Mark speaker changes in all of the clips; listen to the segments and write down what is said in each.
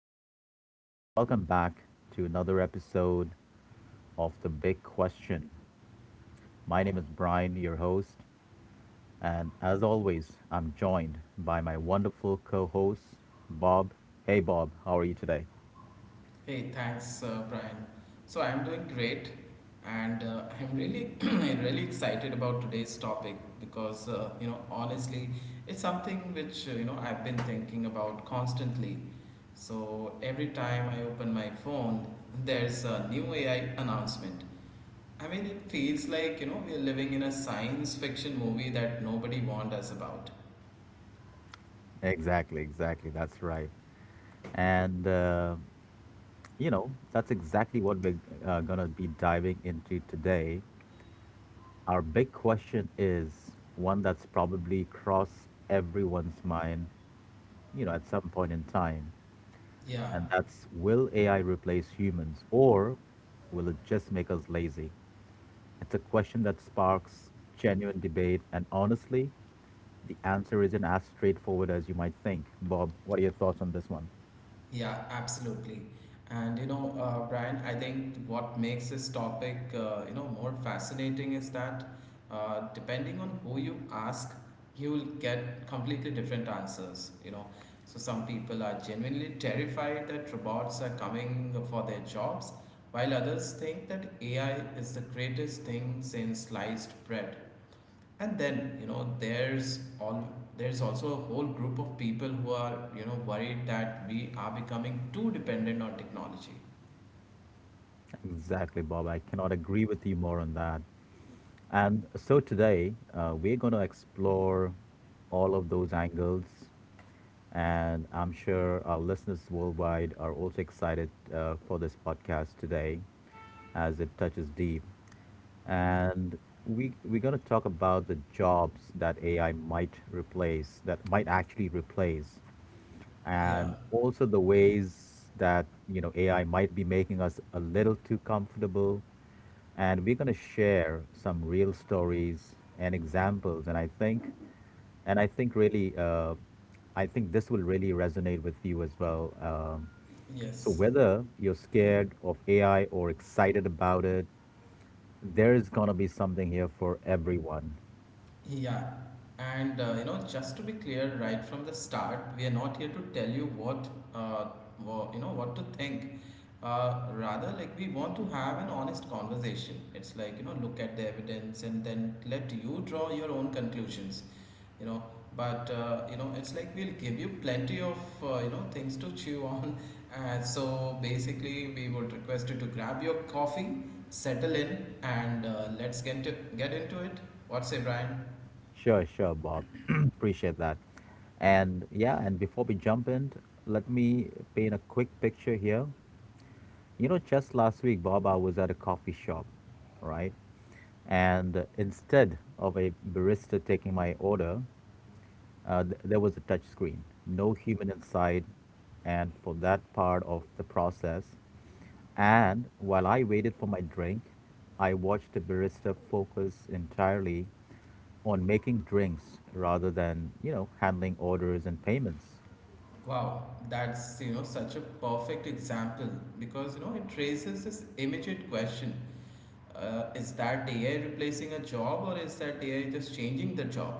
Speaker 1: everyone. Welcome back to another episode of The Big Question. My name is Brian, your host, and as always, I'm joined by my wonderful co host, Bob. Hey, Bob, how are you today?
Speaker 2: Hey, thanks, Brian. So I'm doing great, and I'm really excited about today's topic because honestly, it's something which I've been thinking about constantly. So every time I open my phone, there's a new AI announcement. I mean, it feels like we're living in a science fiction movie that nobody warned us about.
Speaker 1: Exactly, exactly. That's right. And, uh, you know, that's exactly what we're going to be diving into today. Our big question is one that's probably crossed everyone's mind, you know, at some point in time.
Speaker 2: Yeah,
Speaker 1: And that's, will AI replace humans or will it just make us lazy? It's a question that sparks genuine debate. And honestly, the answer isn't as straightforward as you might think. Bob, what are your thoughts on this one?
Speaker 2: yeah, absolutely. And Brian, I think what makes this topic more fascinating is that depending on who you ask, you will get completely different answers. You know, so some people are genuinely terrified that robots are coming for their jobs, while others think that AI is the greatest thing since sliced bread, and then there's also a whole group of people who are worried that we are becoming too dependent on technology.
Speaker 1: Exactly, Bob. I cannot agree with you more on that. And so today, we're going to explore all of those angles. And I'm sure our listeners worldwide are also excited for this podcast today, as it touches deep, and we're going to talk about the jobs that AI might replace, that might actually replace,
Speaker 2: Yeah,
Speaker 1: and also the ways that you know AI might be making us a little too comfortable. And we're going to share some real stories and examples, and I think really, I think this will really resonate with you as well. So
Speaker 2: yes.
Speaker 1: whether you're scared of AI or excited about it, there is gonna be something here for everyone.
Speaker 2: Yeah, and just to be clear right from the start, we are not here to tell you what, uh, what to think. Rather, like, we want to have an honest conversation. It's like, look at the evidence and then let you draw your own conclusions. You know, it's like, we'll give you plenty of things to chew on. And so basically, we would request you to grab your coffee, settle in, and let's get into it. What say, Brian?
Speaker 1: Sure, sure, Bob. Appreciate that. And yeah, and before we jump in, let me paint a quick picture here. You know, just last week, Bob, I was at a coffee shop, right? And instead of a barista taking my order, there was a touch screen, no human inside, and for that part of the process. And while I waited for my drink, I watched the barista focus entirely on making drinks rather than, you know, handling orders and payments.
Speaker 2: Wow, that's such a perfect example because it raises this immediate question: is that AI replacing a job, or is that AI just changing the job?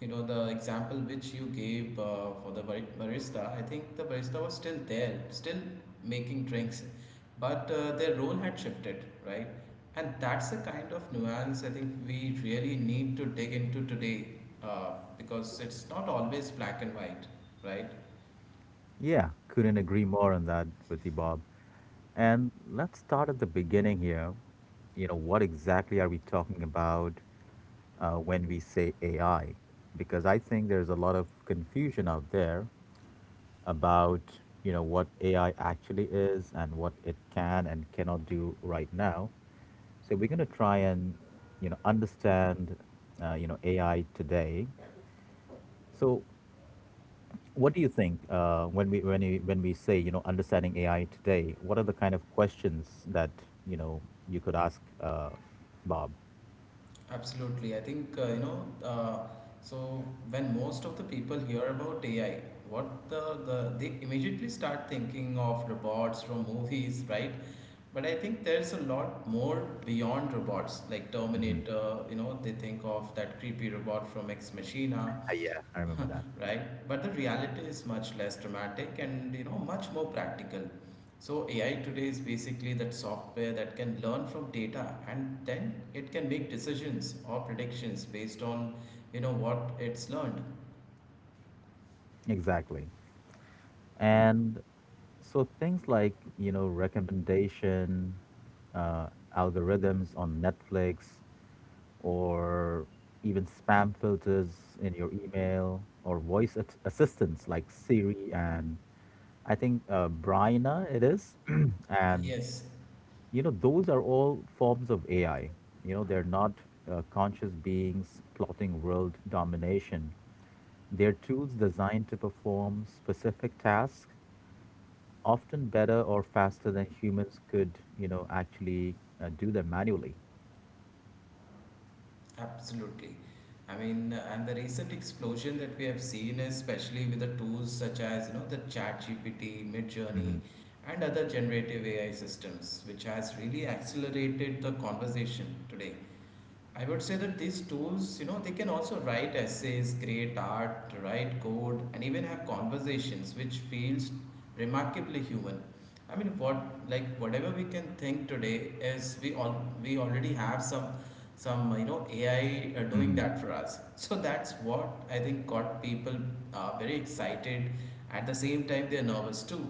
Speaker 2: You know the example which you gave barista. I think the barista was still there, still making drinks, but their role had shifted, right? And that's the kind of nuance I think we really need to dig into today because it's not always black and white, right?
Speaker 1: Yeah, couldn't agree more on that with you, Bob. And let's start at the beginning here. You know, what exactly are we talking about when we say AI? Because I think there's a lot of confusion out there about, you know, what AI actually is and what it can and cannot do right now. So we're going to try and, you know, understand, AI today. So what do you think when we say, you know, understanding AI today? What are the kind of questions that you know you could ask, Bob?
Speaker 2: Absolutely. I think, so when most of the people hear about AI, what the they immediately start thinking of robots from movies, right? But I think there's a lot more beyond robots, like
Speaker 1: Hmm.
Speaker 2: Terminator. You know, they think of that creepy robot from Ex Machina.
Speaker 1: Yeah, I remember that.
Speaker 2: Right, but the reality is much less dramatic and much more practical. So AI today is basically that software that can learn from data, and then it can make decisions or predictions based on what it's learned.
Speaker 1: Exactly. And so things like you know recommendation uh, algorithms on Netflix or even spam filters in your email or assistants like Siri and I think Bryna it is. And
Speaker 2: Yes,
Speaker 1: you know those are all forms of AI. You know they're not conscious beings plotting world domination. They're tools designed to perform specific tasks often better or faster than humans could, you know, actually do them manually.
Speaker 2: absolutely. I mean, and the recent explosion that we have seen is especially with the tools such as the chat gpt midjourney, and other generative AI systems, which has really accelerated the conversation today. I would say that these tools, you know, they can also write essays, create art, write code, and even have conversations, which feels remarkably human. I mean, whatever we can think today is we already have some AI doing
Speaker 1: Hmm.
Speaker 2: that for us. So that's what I think got people very excited. At the same time, they're nervous too.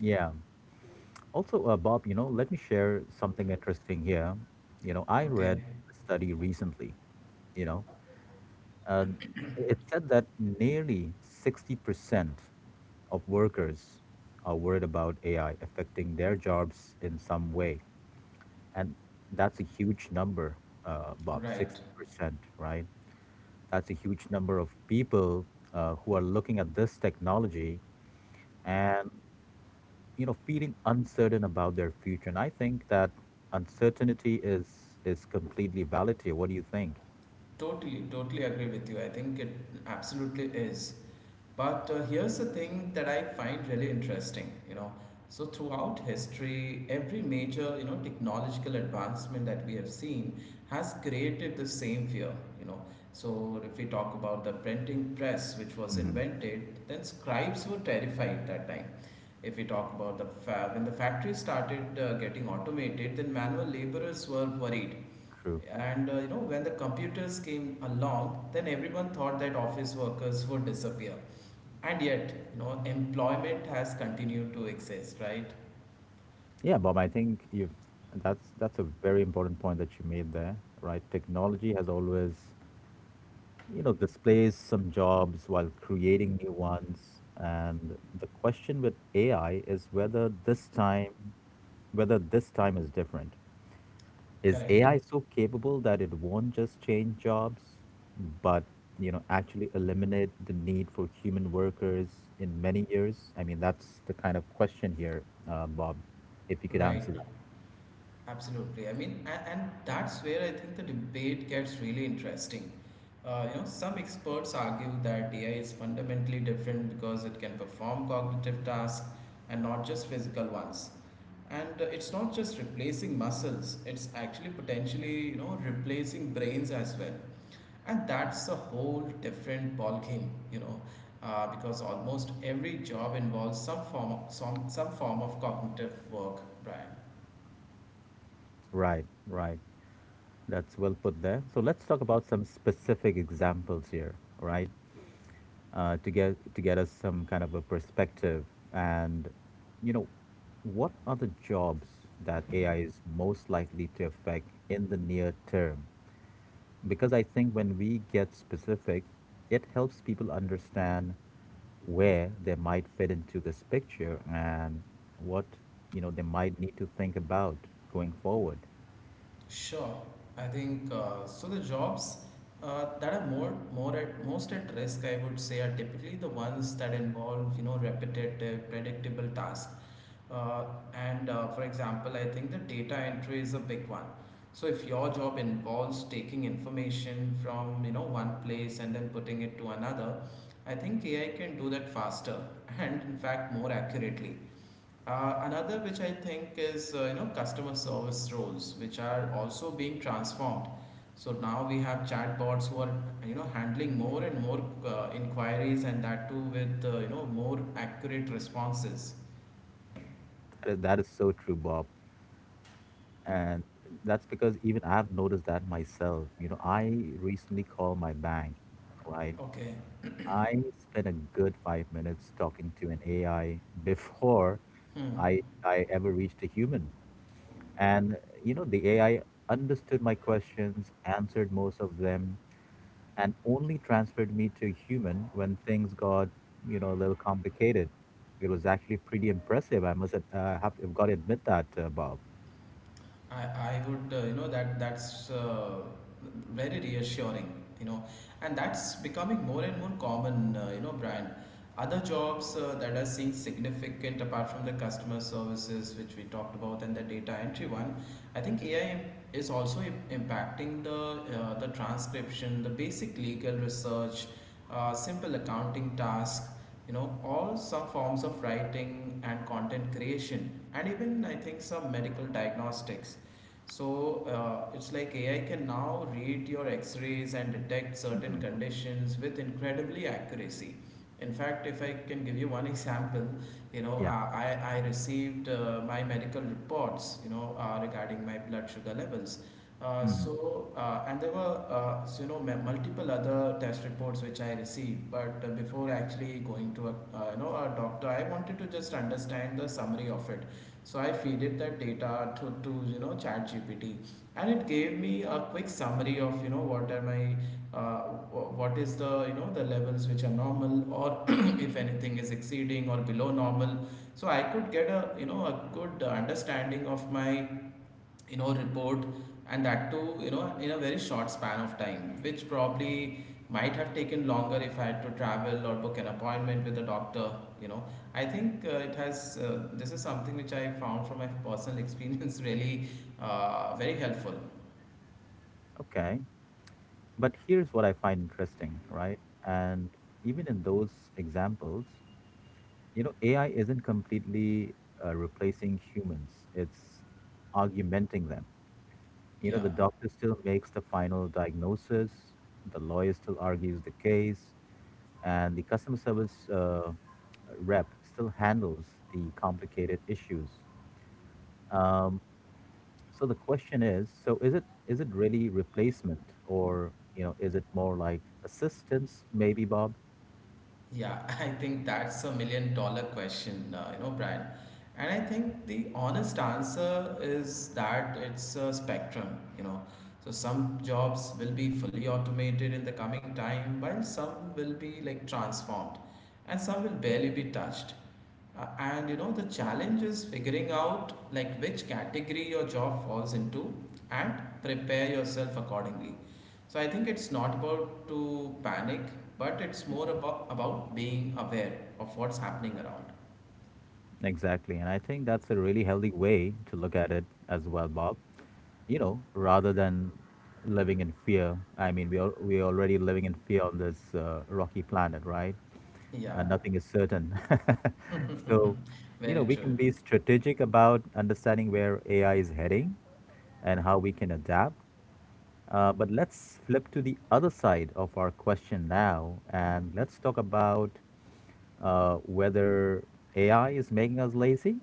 Speaker 1: Yeah. Also, Bob, you know, let me share something interesting here. You know, I read
Speaker 2: Okay,
Speaker 1: a study recently, you know, uh, it said that nearly 60% of workers are worried about AI affecting their jobs in some way. And that's a huge number, Bob,
Speaker 2: right.
Speaker 1: 60%, right? That's a huge number of people who are looking at this technology, and you know, feeling uncertain about their future. And I think that uncertainty is completely valid here. What do you think?
Speaker 2: Totally, totally agree with you. I think it absolutely is. But here's the thing that I find really interesting, you know. So throughout history, every major, you know, technological advancement that we have seen has created the same fear, you know. So if we talk about the printing press, which was
Speaker 1: Hmm.
Speaker 2: invented, then scribes were terrified that time. If we talk about when the factory started getting automated, then manual laborers were worried.
Speaker 1: True.
Speaker 2: And when the computers came along, then everyone thought that office workers would disappear, and yet employment has continued to exist, right?
Speaker 1: Yeah, Bob. I think you. That's a very important point that you made there, right? Technology has always, you know, displaced some jobs while creating new ones. And the question with AI is whether this time, is different. Is
Speaker 2: Correct.
Speaker 1: AI so capable that it won't just change jobs, but you know actually eliminate the need for human workers in many years? I mean, that's the kind of question here, Bob. If you could answer
Speaker 2: Right,
Speaker 1: that,
Speaker 2: absolutely. I mean, and that's where I think the debate gets really interesting. Some experts argue that AI is fundamentally different because it can perform cognitive tasks and not just physical ones. And it's not just replacing muscles, it's actually potentially replacing brains as well, and that's a whole different ball game, you know, because almost every job involves some form of cognitive work, Brian.
Speaker 1: right, that's well put there. So let's talk about some specific examples here, right? To get us some kind of a perspective, and you know, what are the jobs that AI is most likely to affect in the near term? Because I think when we get specific, it helps people understand where they might fit into this picture and what you know they might need to think about going forward.
Speaker 2: Sure. I think, the jobs that are more more at most at risk, I would say, are typically the ones that involve repetitive, predictable tasks. Uh, and For example, I think the data entry is a big one. So if your job involves taking information from one place and then putting it to another, I think AI can do that faster and in fact more accurately. Another which I think is customer service roles, which are also being transformed. So now we have chatbots who are handling more and more inquiries, and that too with more accurate responses.
Speaker 1: That is so true, Bob, and that's because even I've noticed that myself. You know, I recently called my bank, right?
Speaker 2: Okay.
Speaker 1: I spent a good 5 minutes talking to an AI before
Speaker 2: Hmm.
Speaker 1: I ever reached a human. And, you know, the AI understood my questions, answered most of them, and only transferred me to human when things got, you know, a little complicated. It was actually pretty impressive. I must ad- have got to admit that, Bob.
Speaker 2: I would, you know, That that's very reassuring, you know, and that's becoming more and more common, Brian. Other jobs that are seeing significant, apart from the customer services which we talked about and the data entry one, I think AI is also impacting the transcription, the basic legal research, simple accounting task, all some forms of writing and content creation, and even I think some medical diagnostics. So it's like AI can now read your x rays and detect certain
Speaker 1: Hmm.
Speaker 2: conditions with incredibly accuracy. In fact, if I can give you one example, you know,
Speaker 1: Yeah.
Speaker 2: I received my medical reports, you know, regarding my blood sugar levels.
Speaker 1: Hmm.
Speaker 2: And there were, multiple other test reports which I received. But before actually going to a, a doctor, I wanted to just understand the summary of it. So I feeded that data to, ChatGPT, and it gave me a quick summary of what are my what is the the levels which are normal, or if anything is exceeding or below normal. So I could get a a good understanding of my report, and that too in a very short span of time, which probably might have taken longer if I had to travel or book an appointment with a doctor, you know. I think it has this is something which I found from my personal experience really, very helpful.
Speaker 1: Okay. But here's what I find interesting, right? And even in those examples, you know, AI isn't completely replacing humans, it's augmenting them. You know, the
Speaker 2: Yeah.
Speaker 1: doctor still makes the final diagnosis, the lawyer still argues the case, and the customer service rep still handles the complicated issues. So the question is, is it really replacement, or you know is it more like assistance, maybe, Bob?
Speaker 2: Yeah, I think that's a million dollar question, Brian. And I think the honest answer is that it's a spectrum, you know. So some jobs will be fully automated in the coming time, while some will be like transformed, and some will barely be touched. And you know, the challenge is figuring out like which category your job falls into, and prepare yourself accordingly. So I think it's not about to panic, but it's more about being aware of what's happening around.
Speaker 1: Exactly. And I think that's a really healthy way to look at it as well, Bob. You know, rather than living in fear. I mean, we are already living in fear on this rocky planet, right?
Speaker 2: Yeah.
Speaker 1: Nothing is certain. So, you know,
Speaker 2: Very
Speaker 1: we
Speaker 2: true.
Speaker 1: can be strategic about understanding where AI is heading and how we can adapt. But let's flip to the other side of our question now, and let's talk about whether AI is making us lazy.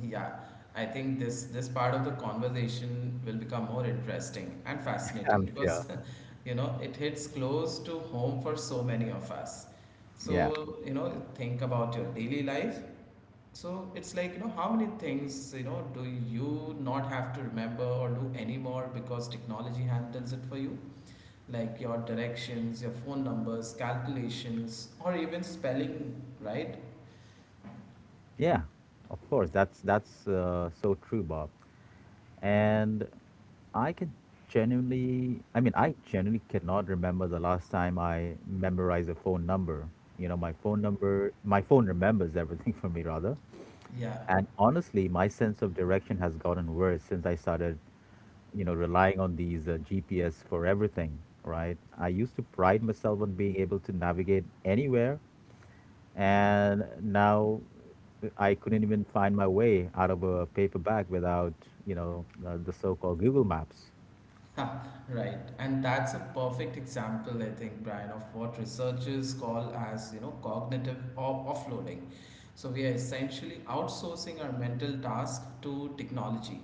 Speaker 2: Yeah. I think this part of the conversation will become more interesting and fascinating
Speaker 1: I'm
Speaker 2: because
Speaker 1: sure.
Speaker 2: you know it hits close to home for so many of us. So,
Speaker 1: Yeah.
Speaker 2: you know, think about your daily life. So it's like, you know, how many things, you know, do you not have to remember or do anymore because technology handles it for you? Like your directions, your phone numbers, calculations, or even spelling, right?
Speaker 1: Yeah, of course. That's so true, Bob. And I can genuinely, I mean, I genuinely cannot remember the last time I memorized a phone number. You know, my phone remembers everything for me, rather.
Speaker 2: Yeah,
Speaker 1: And honestly, my sense of direction has gotten worse since I started, you know, relying on these GPS for everything, right? I used to pride myself on being able to navigate anywhere, and now I couldn't even find my way out of a paper bag without, the so-called Google Maps.
Speaker 2: right. And that's a perfect example, I think, Brian, of what researchers call as, you know, cognitive offloading. So we are essentially outsourcing our mental task to technology.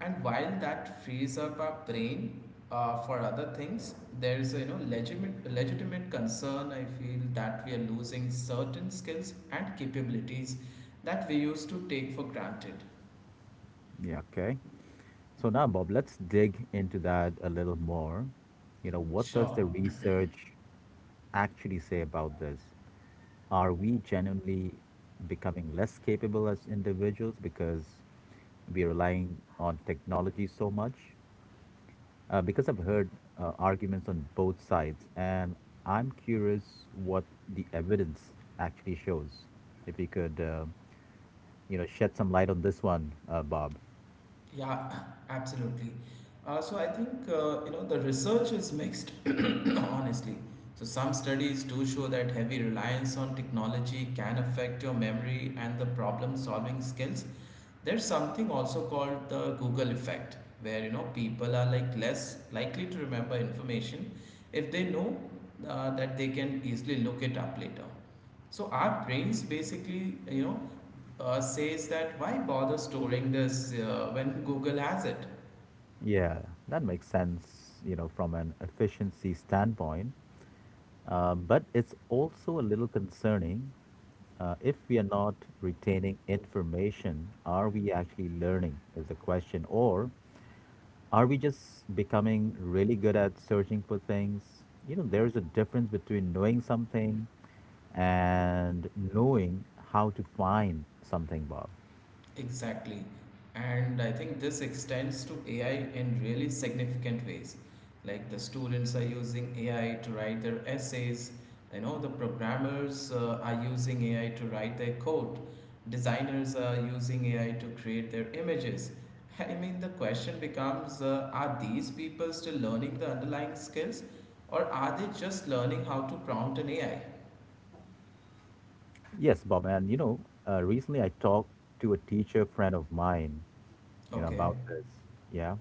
Speaker 2: And while that frees up our brain for other things, there is a legitimate concern. I feel that we are losing certain skills and capabilities that we used to take for granted.
Speaker 1: Yeah, okay. So now, Bob, let's dig into that a little more. You know, what does
Speaker 2: Sure.
Speaker 1: the research actually say about this? Are we genuinely becoming less capable as individuals because we're relying on technology so much? Because I've heard arguments on both sides, and I'm curious what the evidence actually shows. If you could, shed some light on this one, Bob.
Speaker 2: Yeah, absolutely. I think the research is mixed, honestly. So some studies do show that heavy reliance on technology can affect your memory and the problem-solving skills. There's something also called the Google effect, where people are like less likely to remember information if they know that they can easily look it up later. So our brains basically, you know, says that, why bother storing this when Google has it?
Speaker 1: Yeah, that makes sense, you know, from an efficiency standpoint. But it's also a little concerning. If we are not retaining information, are we actually learning? Is the question. Or are we just becoming really good at searching for things? You know, there is a difference between knowing something and knowing how to find something, Bob.
Speaker 2: Exactly. And I think this extends to AI in really significant ways. Like, the students are using AI to write their essays, you know, the programmers are using AI to write their code, designers are using AI to create their images. I mean, the question becomes are these people still learning the underlying skills, or are they just learning how to prompt an AI?
Speaker 1: Yes, Bob. Recently I talked to a teacher friend of mine, you know,
Speaker 2: Okay.
Speaker 1: about this. Yeah.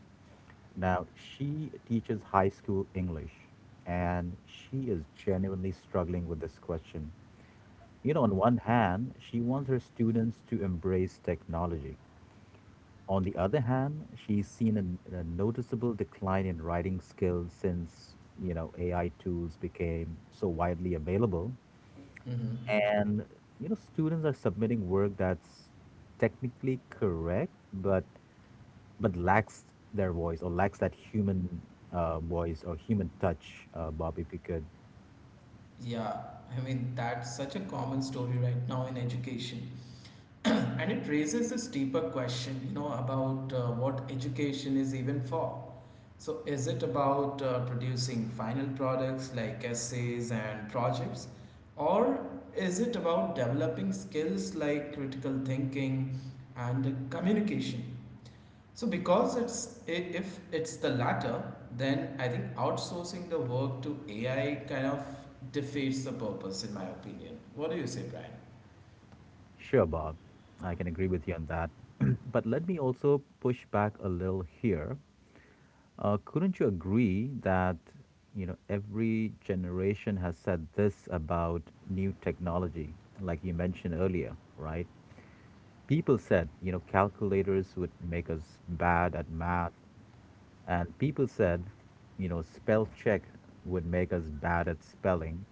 Speaker 1: Now, she teaches high school English and she is genuinely struggling with this question. You know, on one hand, she wants her students to embrace technology. On the other hand, she's seen a noticeable decline in writing skills since, you know, AI tools became so widely available.
Speaker 2: Mm-hmm.
Speaker 1: And, you know, students are submitting work that's technically correct, but lacks their voice, or lacks that human voice or human touch, Bob, if you could.
Speaker 2: Yeah, I mean, that's such a common story right now in education. And it raises this deeper question, you know, about what education is even for. So, is it about producing final products like essays and projects? Or is it about developing skills like critical thinking and communication? So because if it's the latter, then I think outsourcing the work to AI kind of defeats the purpose, in my opinion. What do you say, Brian?
Speaker 1: Sure, Bob. I can agree with you on that. But let me also push back a little here. Couldn't you agree that you know every generation has said this about new technology, like you mentioned earlier, right? People said you know calculators would make us bad at math, and people said you know spell check would make us bad at spelling,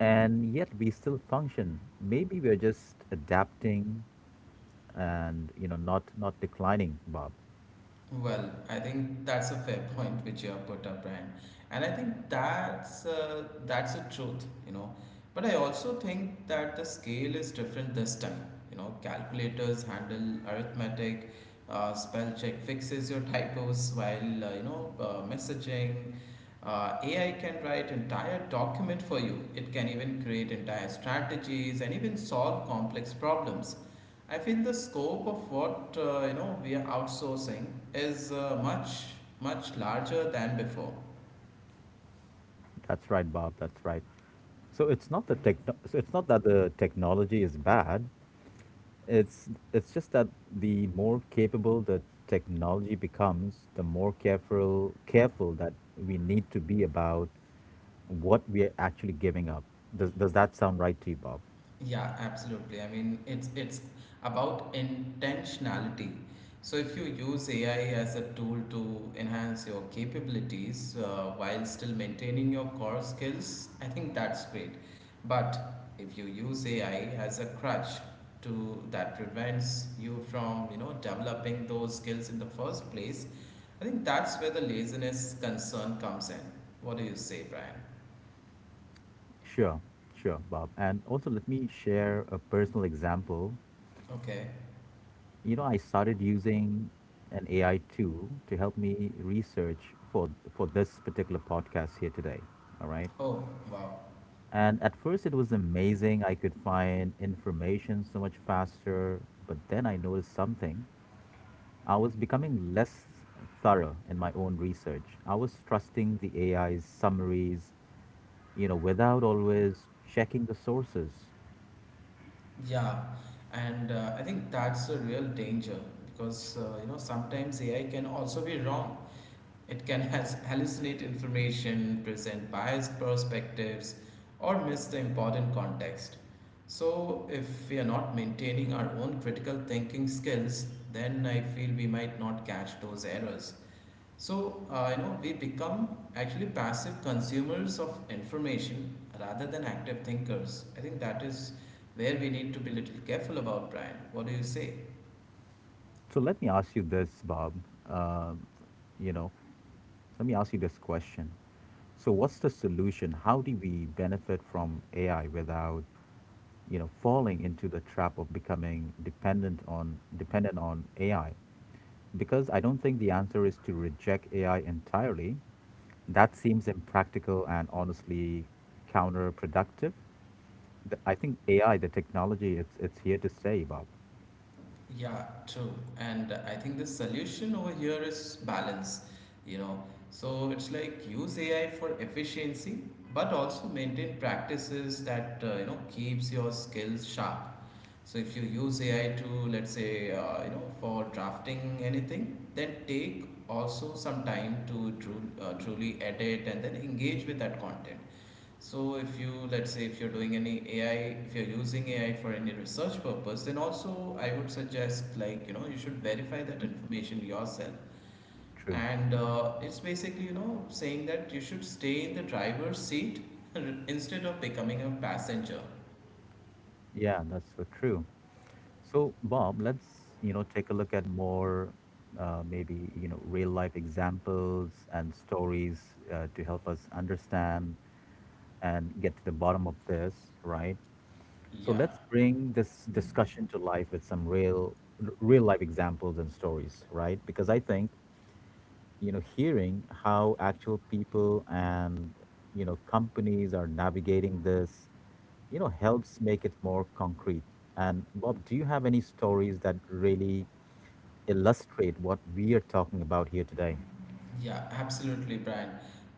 Speaker 1: and yet we still function. Maybe we're just adapting and you know not declining, Bob.
Speaker 2: Well, I think that's a fair point which you have put up, Brian, and I think that's a truth, you know. But I also think that the scale is different this time. You know, calculators handle arithmetic, spell check fixes your typos, while messaging. AI can write entire document for you. It can even create entire strategies and even solve complex problems. I feel the scope of what we are outsourcing is much much larger than before.
Speaker 1: That's right, Bob, that's right. So it's not the tech, it's not that the technology is bad, it's just that the more capable the technology becomes, the more careful that we need to be about what we are actually giving up. Does that sound right to you, Bob?
Speaker 2: Yeah, absolutely. I mean, it's about intentionality. So if you use AI as a tool to enhance your capabilities while still maintaining your core skills, I think that's great. But if you use AI as a crutch to that prevents you from, you know, developing those skills in the first place, I think that's where the laziness concern comes in. What do you say, Brian?
Speaker 1: Sure, sure Bob. And also let me share a personal example.
Speaker 2: Okay.
Speaker 1: You know, I started using an AI tool to help me research for this particular podcast here today. All right.
Speaker 2: Oh, wow.
Speaker 1: And at first it was amazing. I could find information so much faster, but then I noticed something. I was becoming less thorough in my own research. I was trusting the AI's summaries, you know, without always checking the sources.
Speaker 2: Yeah. And I think that's a real danger because, you know, sometimes AI can also be wrong. It can has hallucinate information, present biased perspectives, or miss the important context. So, if we are not maintaining our own critical thinking skills, then I feel we might not catch those errors. So, you know, we become actually passive consumers of information rather than active thinkers. I think that is where we need to be a little careful about, Brian. What do you say?
Speaker 1: So let me ask you this, Bob. Uh, you know, let me ask you this question. So what's the solution? How do we benefit from AI without, falling into the trap of becoming dependent on AI? Because I don't think the answer is to reject AI entirely. That seems impractical and honestly counterproductive. I think AI, the technology, it's here to stay, Bob.
Speaker 2: Yeah, true. And I think the solution over here is balance, you know. So it's like, use AI for efficiency, but also maintain practices that, you know, keeps your skills sharp. So if you use AI to, let's say, you know, for drafting anything, then take also some time to truly edit and then engage with that content. So if you, let's say if you're doing any AI, if you're using AI for any research purpose, then also I would suggest, like, you know, you should verify that information yourself.
Speaker 1: True.
Speaker 2: And it's basically, you know, saying that you should stay in the driver's seat instead of becoming a passenger.
Speaker 1: Yeah, that's so true. So, Bob, let's take a look at more maybe real life examples and stories to help us understand and get to the bottom of this, right? So
Speaker 2: Yeah.
Speaker 1: let's bring this discussion to life with some real life examples and stories, right? Because I think, you know, hearing how actual people and, you know, companies are navigating this, you know, helps make it more concrete. And Bob, do you have any stories that really illustrate what we are talking about here today?
Speaker 2: Yeah, absolutely, Brian.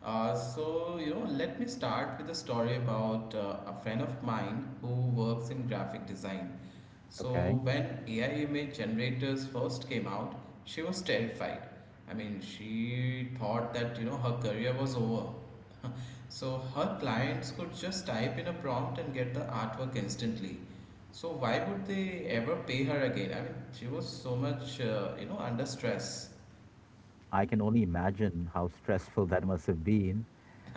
Speaker 2: So, you know, let me start with a story about a friend of mine who works in graphic design. So,
Speaker 1: Okay.
Speaker 2: when AI image generators first came out, she was terrified. I mean, she thought that, you know, her career was over. So, her clients could just type in a prompt and get the artwork instantly. So, why would they ever pay her again? I mean, she was so much, you know, under stress.
Speaker 1: I can only imagine how stressful that must have been.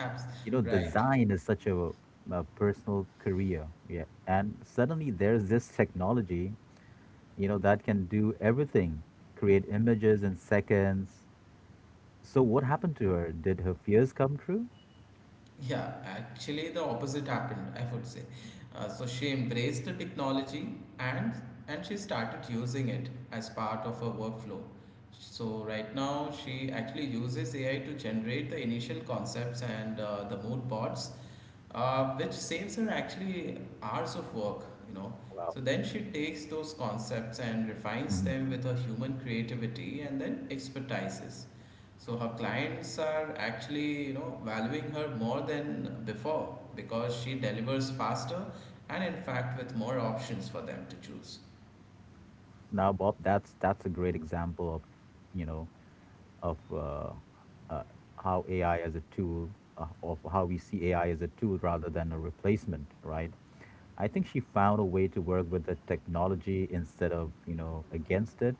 Speaker 2: Abs-
Speaker 1: You know,
Speaker 2: Right.
Speaker 1: design is such a personal career. Yeah. And suddenly there's this technology, you know, that can do everything, create images in seconds. So what happened to her? Did her fears come true?
Speaker 2: Yeah, actually, the opposite happened, I would say. So she embraced the technology and she started using it as part of her workflow. So right now, she actually uses AI to generate the initial concepts and the mood boards, which saves her actually hours of work, you know.
Speaker 1: Wow.
Speaker 2: So then she takes those concepts and refines
Speaker 1: Mhm.
Speaker 2: them with her human creativity and then expertises. So her clients are actually, you know, valuing her more than before because she delivers faster and in fact with more options for them to choose.
Speaker 1: Now, Bob, that's a great example of, you know, of uh, how AI as a tool, of how we see AI as a tool rather than a replacement, right? I think she found a way to work with the technology instead of, you know, against it.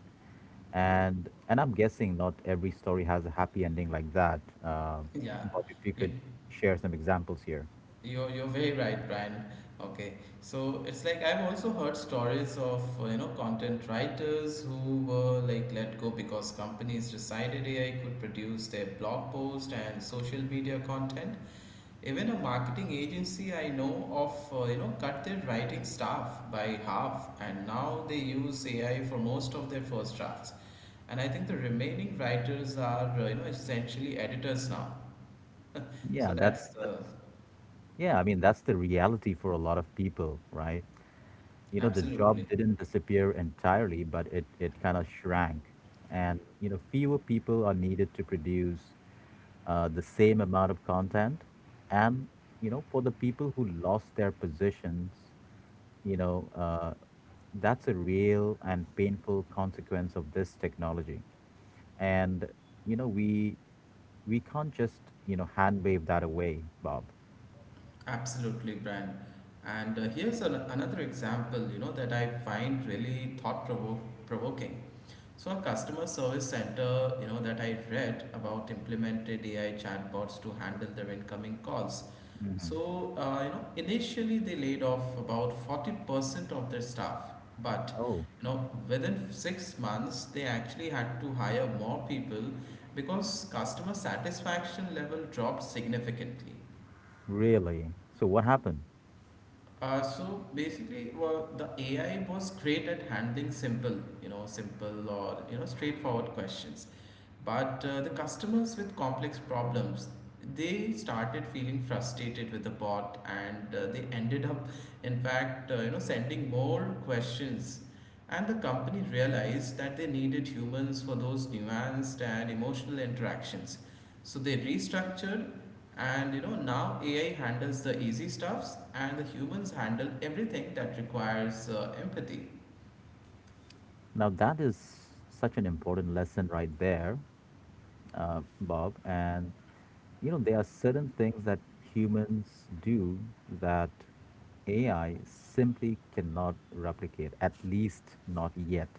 Speaker 1: And I'm guessing not every story has a happy ending like that.
Speaker 2: Yeah.
Speaker 1: Bob, if you
Speaker 2: You,
Speaker 1: could share some examples here.
Speaker 2: you're very right, Brian. Okay. So it's like, I've also heard stories of, you know, content writers who were like let go because companies decided AI could produce their blog post and social media content. Even a marketing agency I know of, you know, cut their writing staff by half, and now they use AI for most of their first drafts. And I think the remaining writers are, you know, essentially editors now. So
Speaker 1: Yeah,
Speaker 2: that's
Speaker 1: that's Yeah, I mean, that's the reality for a lot of people, right? You know, the
Speaker 2: absolutely,
Speaker 1: job didn't disappear entirely, but it kind of shrank. And, you know, fewer people are needed to produce the same amount of content. And, you know, for the people who lost their positions, you know, uh, that's a real and painful consequence of this technology. And, you know, we can't just, you know, hand wave that away, Bob.
Speaker 2: absolutely, Brian. And here's another example, you know, that I find really provoking. So a customer service center, you know, that I read about implemented AI chatbots to handle their incoming calls. So, you know, initially they laid off about 40% of their staff, but
Speaker 1: Oh,
Speaker 2: you know, within 6 months they actually had to hire more people because customer satisfaction level dropped significantly.
Speaker 1: really? So what happened?
Speaker 2: So basically, well, the AI was great at handling simple, or, you know, straightforward questions. But the customers with complex problems, they started feeling frustrated with the bot, and they ended up, in fact, you know, sending more questions. And the company realized that they needed humans for those nuanced and emotional interactions. So they restructured, and you know, now AI handles the easy stuffs and the humans handle everything that requires empathy.
Speaker 1: Now that is such an important lesson right there, Bob. And you know, there are certain things that humans do that AI simply cannot replicate, at least not yet.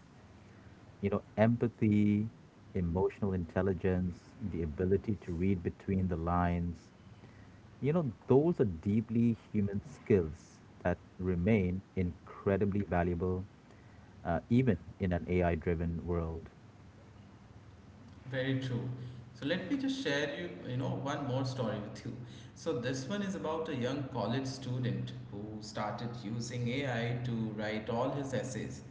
Speaker 1: You know, empathy, emotional intelligence, the ability to read between the lines. You know, those are deeply human skills that remain incredibly valuable, even in an AI driven world.
Speaker 2: Very true. So let me just share you, you know, one more story with you. So this one is about a young college student who started using AI to write all his essays.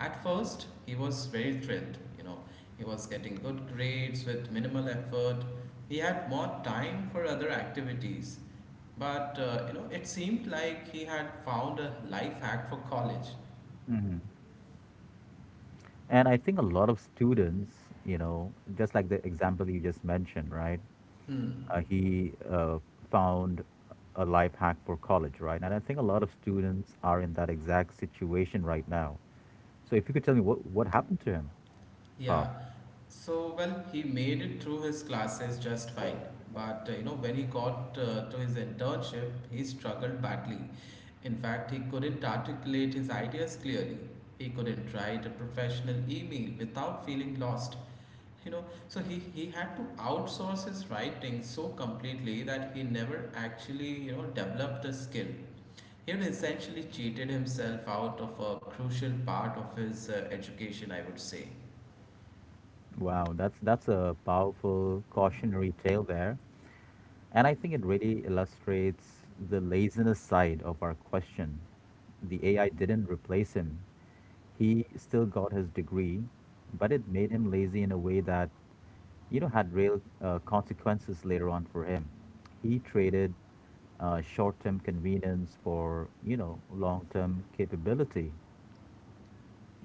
Speaker 2: At first, he was very thrilled, you know. He was getting good grades with minimal effort. He had more time for other activities. But you know, it seemed like he had found a life hack for college.
Speaker 1: And I think a lot of students, you know, just like the example you just mentioned, right?
Speaker 2: Hmm.
Speaker 1: He found a life hack for college, right? And I think a lot of students are in that exact situation right now. So if you could tell me what happened to him, Bob?
Speaker 2: Yeah. So well, he made it through his classes just fine. But you know, when he got to his internship, he struggled badly. In fact, he couldn't articulate his ideas clearly. He couldn't write a professional email without feeling lost. You know, so he had to outsource his writing so completely that he never actually, you know, developed the skill. He had essentially cheated himself out of a crucial part of his education, I would say.
Speaker 1: Wow, that's a powerful cautionary tale there. And I think it really illustrates the laziness side of our question. The AI didn't replace him. He still got his degree, but it made him lazy in a way that, you know, had real consequences later on for him. He traded short-term convenience for, you know, long-term capability.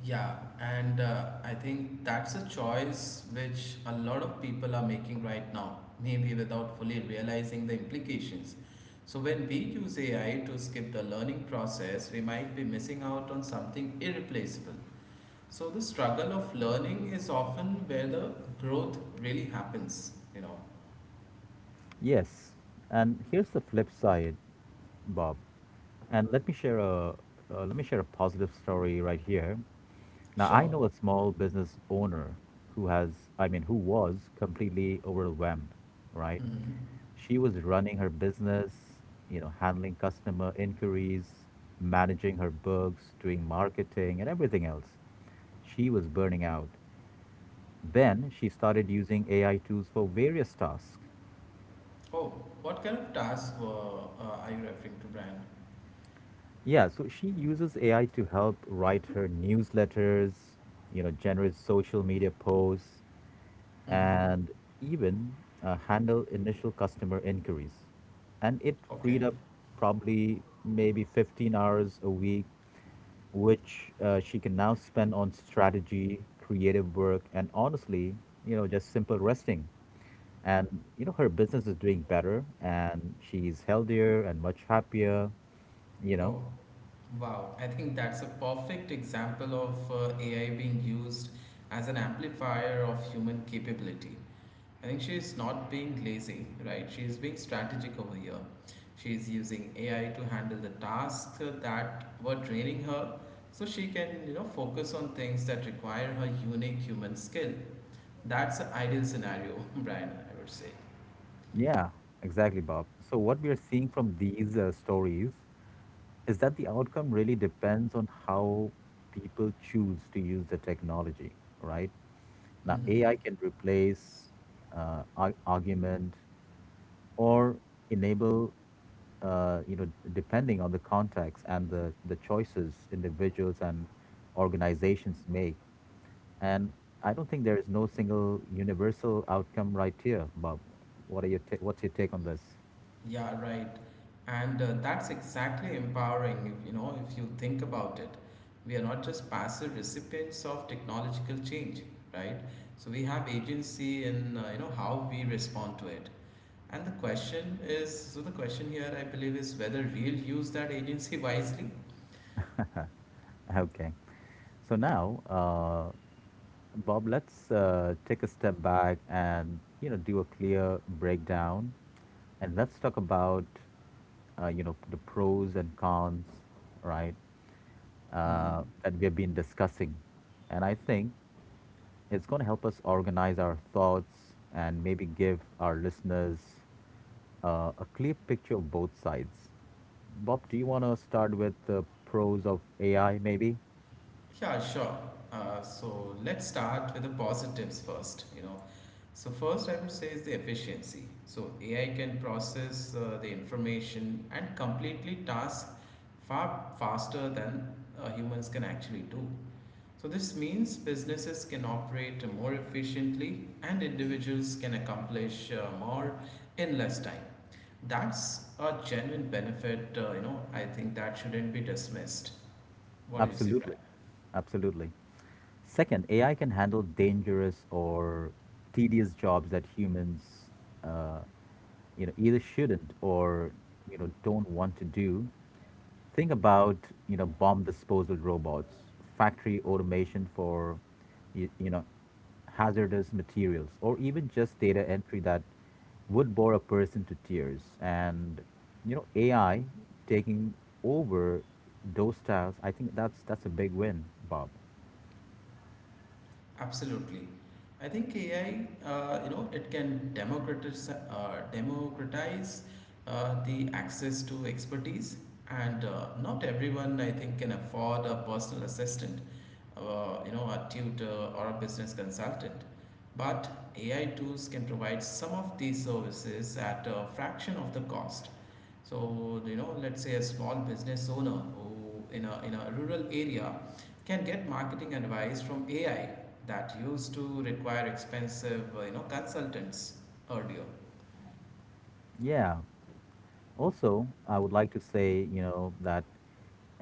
Speaker 2: Yeah, and I think that's a choice which a lot of people are making right now, maybe without fully realizing the implications. So, when we use AI to skip the learning process, we might be missing out on something irreplaceable. So, the struggle of learning is often where the growth really happens, you know.
Speaker 1: Yes, and here's the flip side, Bob. And let me share a positive story right here. Now I
Speaker 2: Sure.
Speaker 1: know a small business owner who has I mean who was completely overwhelmed, right?
Speaker 2: Mhm.
Speaker 1: She was running her business, you know, handling customer inquiries, managing her books, doing marketing and everything else. She was burning out. Then she started using AI tools for various tasks.
Speaker 2: Oh, what kind of task are you referring to, Brian?
Speaker 1: Yeah, so she uses AI to help write her newsletters, you know, generate social media posts,
Speaker 2: Hmm.
Speaker 1: and even handle initial customer inquiries. And it
Speaker 2: Okay.
Speaker 1: freed up probably maybe 15 hours a week, which she can now spend on strategy, creative work, and honestly, you know, just simple resting. And, you know, her business is doing better and she's healthier and much happier, you know.
Speaker 2: Oh, wow. I think that's a perfect example of AI being used as an amplifier of human capability. I think she is not being lazy, right? She is being strategic over here. She is using AI to handle the tasks that were draining her, so she can, you know, focus on things that require her unique human skill. That's an ideal scenario, Brian, I would say.
Speaker 1: Yeah, exactly, Bob. So, what we are seeing from these stories is that the outcome really depends on how people choose to use the technology, right? Now, AI
Speaker 2: Hmm.
Speaker 1: can replace argument or enable, you know, depending on the context and the choices individuals and organizations make. And I don't think there is no single universal outcome right here, Bob. What's your take on this?
Speaker 2: Yeah, right. And that's exactly empowering, if, you know, if you think about it. We are not just passive recipients of technological change, right? So we have agency in, you know, how we respond to it. And the question is, so the question here, I believe, is whether we'll use that agency wisely.
Speaker 1: Okay. So now, Bob, let's take a step back and you know do a clear breakdown, and let's talk about, you know, the pros and cons, right?
Speaker 2: Mhm.
Speaker 1: That we have been discussing, and I think it's going to help us organize our thoughts and maybe give our listeners a clear picture of both sides. Bob, do you want to start with the pros of AI? Maybe.
Speaker 2: Yeah, sure. So let's start with the positives first. You know, so first I would say is the efficiency. So AI can process the information and completely task far faster than humans can actually do. So this means businesses can operate more efficiently and individuals can accomplish more in less time. That's a genuine benefit. You know, I think that shouldn't be dismissed. What do you say, Brad?
Speaker 1: Absolutely. Absolutely. Second, AI can handle dangerous or tedious jobs that humans, uh, you know, either shouldn't or you know don't want to do. Think about, you know, bomb disposal robots, factory automation for you know hazardous materials, or even just data entry that would bore a person to tears. And you know AI taking over those styles, I think that's a big win, Bob.
Speaker 2: Absolutely. I think AI, you know, it can democratize the access to expertise, and not everyone, I think, can afford a personal assistant, you know, a tutor or a business consultant. But AI tools can provide some of these services at a fraction of the cost. So, you know, let's say a small business owner who in a rural area can get marketing advice from AI that used to require expensive you know consultants earlier.
Speaker 1: Yeah, also, I would like to say, you know, that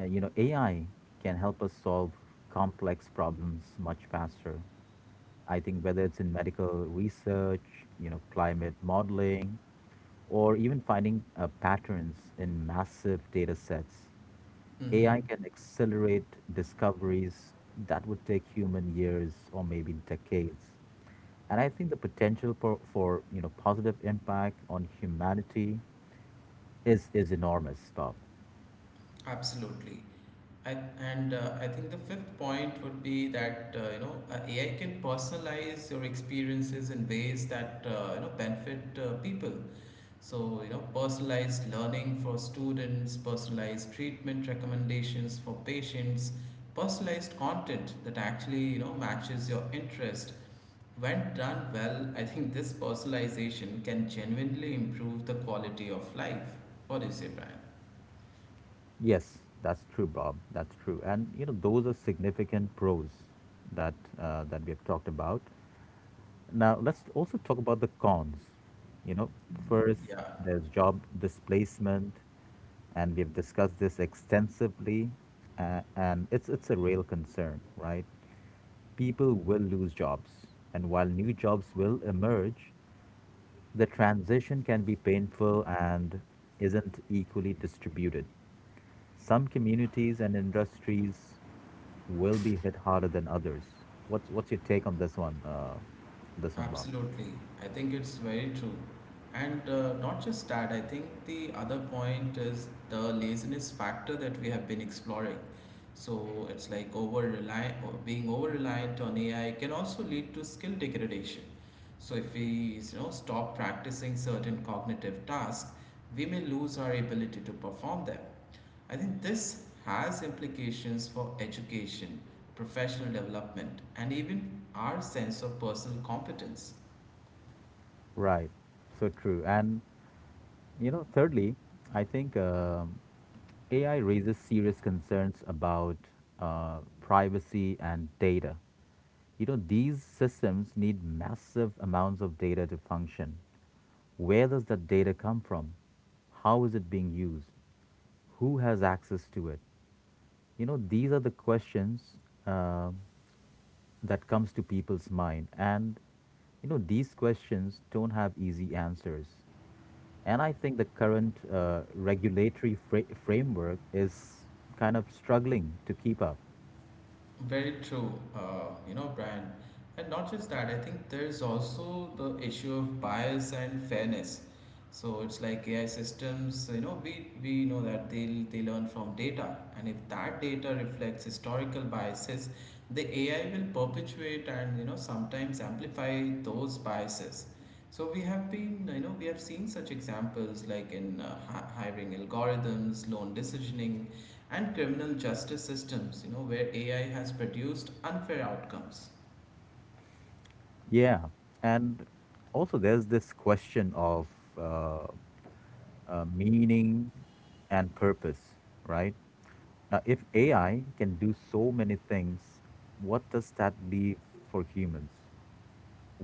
Speaker 1: you know AI can help us solve complex problems much faster. I think whether it's in medical research, you know, climate modeling, or even finding patterns in massive data sets, AI
Speaker 2: Hmm.
Speaker 1: can accelerate discoveries that would take human years or maybe decades. And I think the potential for you know positive impact on humanity is enormous, Bob.
Speaker 2: Absolutely. I, and I think the fifth point would be that AI can personalize your experiences in ways that you know benefit people. So you know, personalized learning for students, personalized treatment recommendations for patients, personalized content that actually, you know, matches your interest. When done well, I think this personalization can genuinely improve the quality of life. What do you say, Brian?
Speaker 1: Yes, that's true, Bob. That's true. And you know, those are significant pros that that we have talked about. Now, let's also talk about the cons. You know, first,
Speaker 2: Yeah,
Speaker 1: there's job displacement, and we've discussed this extensively, and it's a real concern, right? People will lose jobs, and while new jobs will emerge, the transition can be painful and isn't equally distributed. Some communities and industries will be hit harder than others. What's your take on this one? Bob.
Speaker 2: absolutely. I think it's very true. And not just that, I think the other point is the laziness factor that we have been exploring. So it's like, over reliant or being over reliant on AI can also lead to skill degradation. So if we, you know, stop practicing certain cognitive tasks, we may lose our ability to perform them. I think this has implications for education, professional development, and even our sense of personal competence.
Speaker 1: Right. So true. And you know, thirdly, I think AI raises serious concerns about privacy and data. You know, these systems need massive amounts of data to function. Where does that data come from? How is it being used? Who has access to it? You know, these are the questions uh, that comes to people's mind, and you know these questions don't have easy answers, and I think the current framework is kind of struggling to keep up.
Speaker 2: Very true, you know, Brian. And not just that, I think there's also the issue of bias and fairness. So it's like AI systems, you know, we know that they learn from data. And if that data reflects historical biases, the AI will perpetuate and, you know, sometimes amplify those biases. So we have been, you know, we have seen such examples like in hiring algorithms, loan decisioning, and criminal justice systems, you know, where AI has produced unfair outcomes.
Speaker 1: Yeah, and also there's this question of, uh, meaning and purpose, right? Now if AI can do so many things, what does that leave for humans?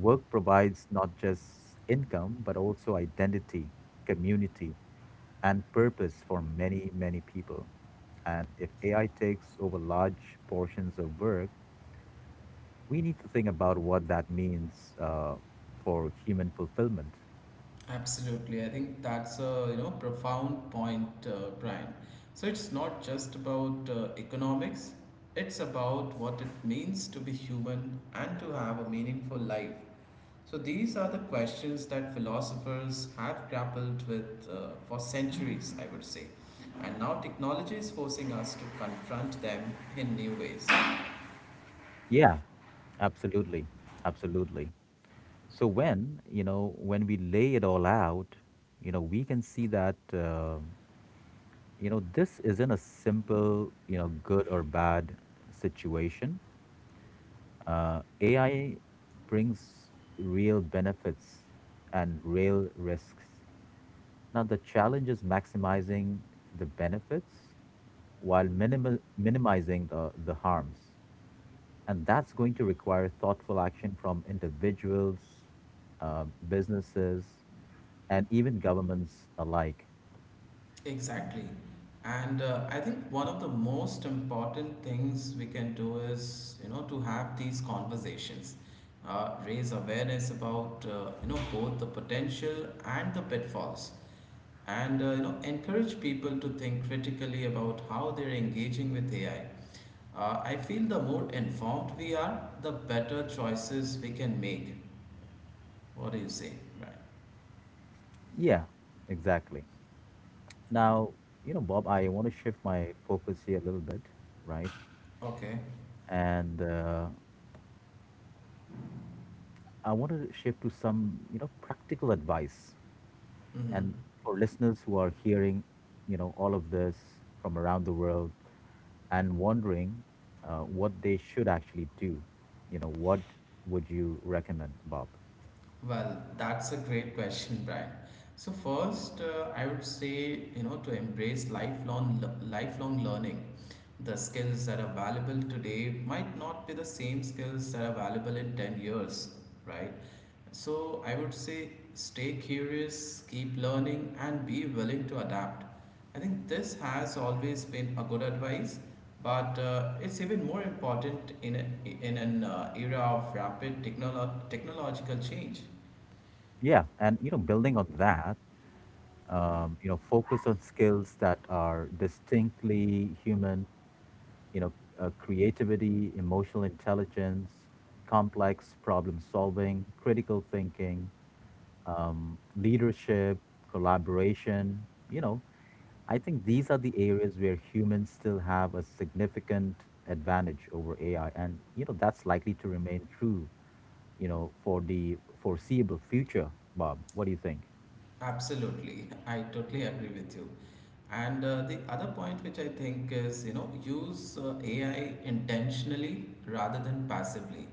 Speaker 1: Work provides not just income, but also identity, community, and purpose for many, many people. And if AI takes over large portions of work, we need to think about what that means for human fulfillment.
Speaker 2: Absolutely, I think that's a you know profound point, Brian. So it's not just about economics; it's about what it means to be human and to have a meaningful life. So these are the questions that philosophers have grappled with for centuries, I would say, and now technology is forcing us to confront them in new ways.
Speaker 1: Yeah, absolutely. Absolutely. So when, you know, when we lay it all out, you know, we can see that. You know, this isn't a simple, you know, good or bad situation. AI brings real benefits and real risks. Now, the challenge is maximizing the benefits while minimizing the harms. And that's going to require thoughtful action from individuals, businesses, and even governments alike.
Speaker 2: Exactly. And I think one of the most important things we can do is, you know, to have these conversations, raise awareness about, you know, both the potential and the pitfalls, and, you know, encourage people to think critically about how they're engaging with AI. I feel the more informed we are, the better choices we can make. What do you say? Right.
Speaker 1: Yeah, exactly. Now, you know, Bob, I want to shift my focus here a little bit, right?
Speaker 2: Okay.
Speaker 1: And I want to shift to some, you know, practical advice.
Speaker 2: Mm-hmm.
Speaker 1: And for listeners who are hearing, you know, all of this from around the world and wondering what they should actually do, you know, what would you recommend, Bob?
Speaker 2: Well, that's a great question, Brian. So first, I would say you know to embrace lifelong learning. The skills that are valuable today might not be the same skills that are valuable in 10 years, right? So I would say stay curious, keep learning, and be willing to adapt. I think this has always been a good advice, but it's even more important in an era of technological change.
Speaker 1: Yeah, and you know, building on that, you know, focus on skills that are distinctly human, you know, creativity, emotional intelligence, complex problem solving, critical thinking, leadership, collaboration. You know, I think these are the areas where humans still have a significant advantage over AI, and you know that's likely to remain true. You know, for the foreseeable future, Bob. What do you think?
Speaker 2: Absolutely, I totally agree with you. And the other point which I think is, you know, use AI intentionally rather than passively,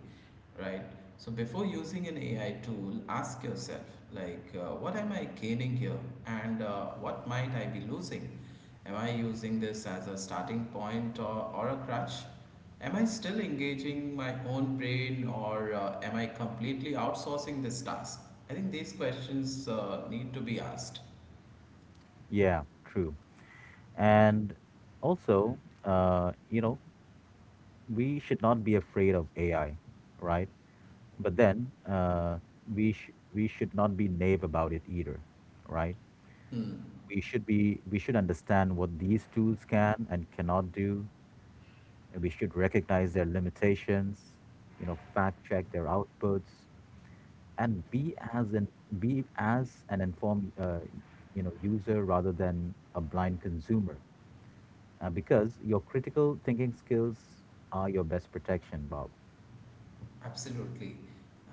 Speaker 2: right? So before using an AI tool, ask yourself like, what am I gaining here, and what might I be losing? Am I using this as a starting point or a crutch? Am I still engaging my own brain, or am I completely outsourcing this task? I think these questions need to be asked.
Speaker 1: Yeah, true. And also, you know, we should not be afraid of AI, right? But then we should not be naive about it either, right?
Speaker 2: Hmm.
Speaker 1: We should understand what these tools can and cannot do, and we should recognize their limitations, you know, fact check their outputs, and be as an informed, you know, user rather than a blind consumer, because your critical thinking skills are your best protection, Bob.
Speaker 2: Absolutely.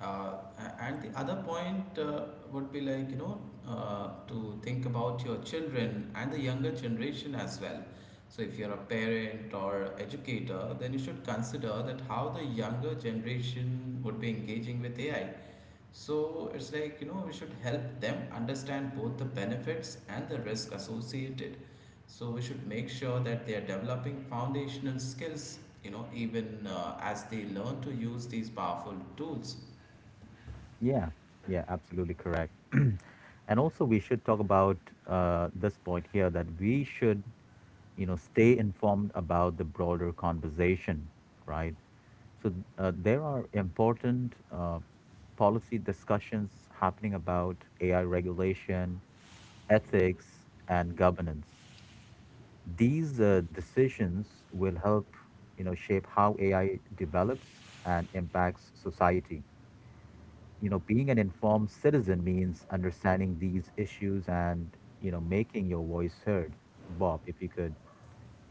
Speaker 2: Uh, and the other point would be like, you know, to think about your children and the younger generation as well. So, if you're a parent or educator, then you should consider that how the younger generation would be engaging with AI. So it's like, you know, we should help them understand both the benefits and the risk associated. So we should make sure that they are developing foundational skills, you know, even as they learn to use these powerful tools.
Speaker 1: Yeah, yeah, absolutely correct. And also, we should talk about this point here that we should, you know, stay informed about the broader conversation, right? There are important policy discussions happening about AI regulation, ethics, and governance. These decisions will help, shape how AI develops and impacts society. Being an informed citizen means understanding these issues and, making your voice heard. Bob, if you could,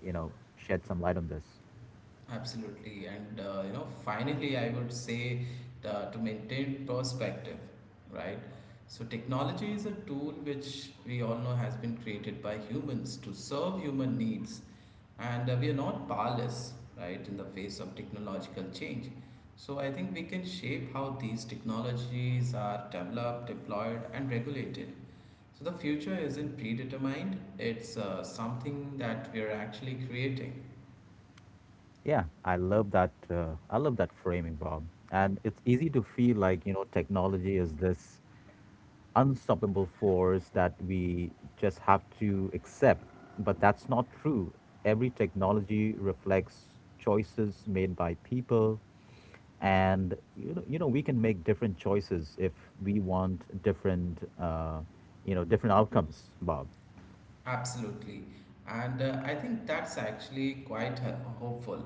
Speaker 1: shed some light on this.
Speaker 2: Absolutely. And, you know, finally, I would say to maintain perspective, right? So technology is a tool which we all know has been created by humans to serve human needs, and we are not powerless, right, in the face of technological change. So I think we can shape how these technologies are developed, deployed, and regulated. So the future isn't predetermined; it's something that we are actually creating.
Speaker 1: Yeah, I love that. I love that framing, Bob. And it's easy to feel like, you know, technology is this unstoppable force that we just have to accept. But that's not true. Every technology reflects choices made by people. And we can make different choices if we want different, different outcomes, Bob.
Speaker 2: Absolutely. And I think that's actually quite hopeful.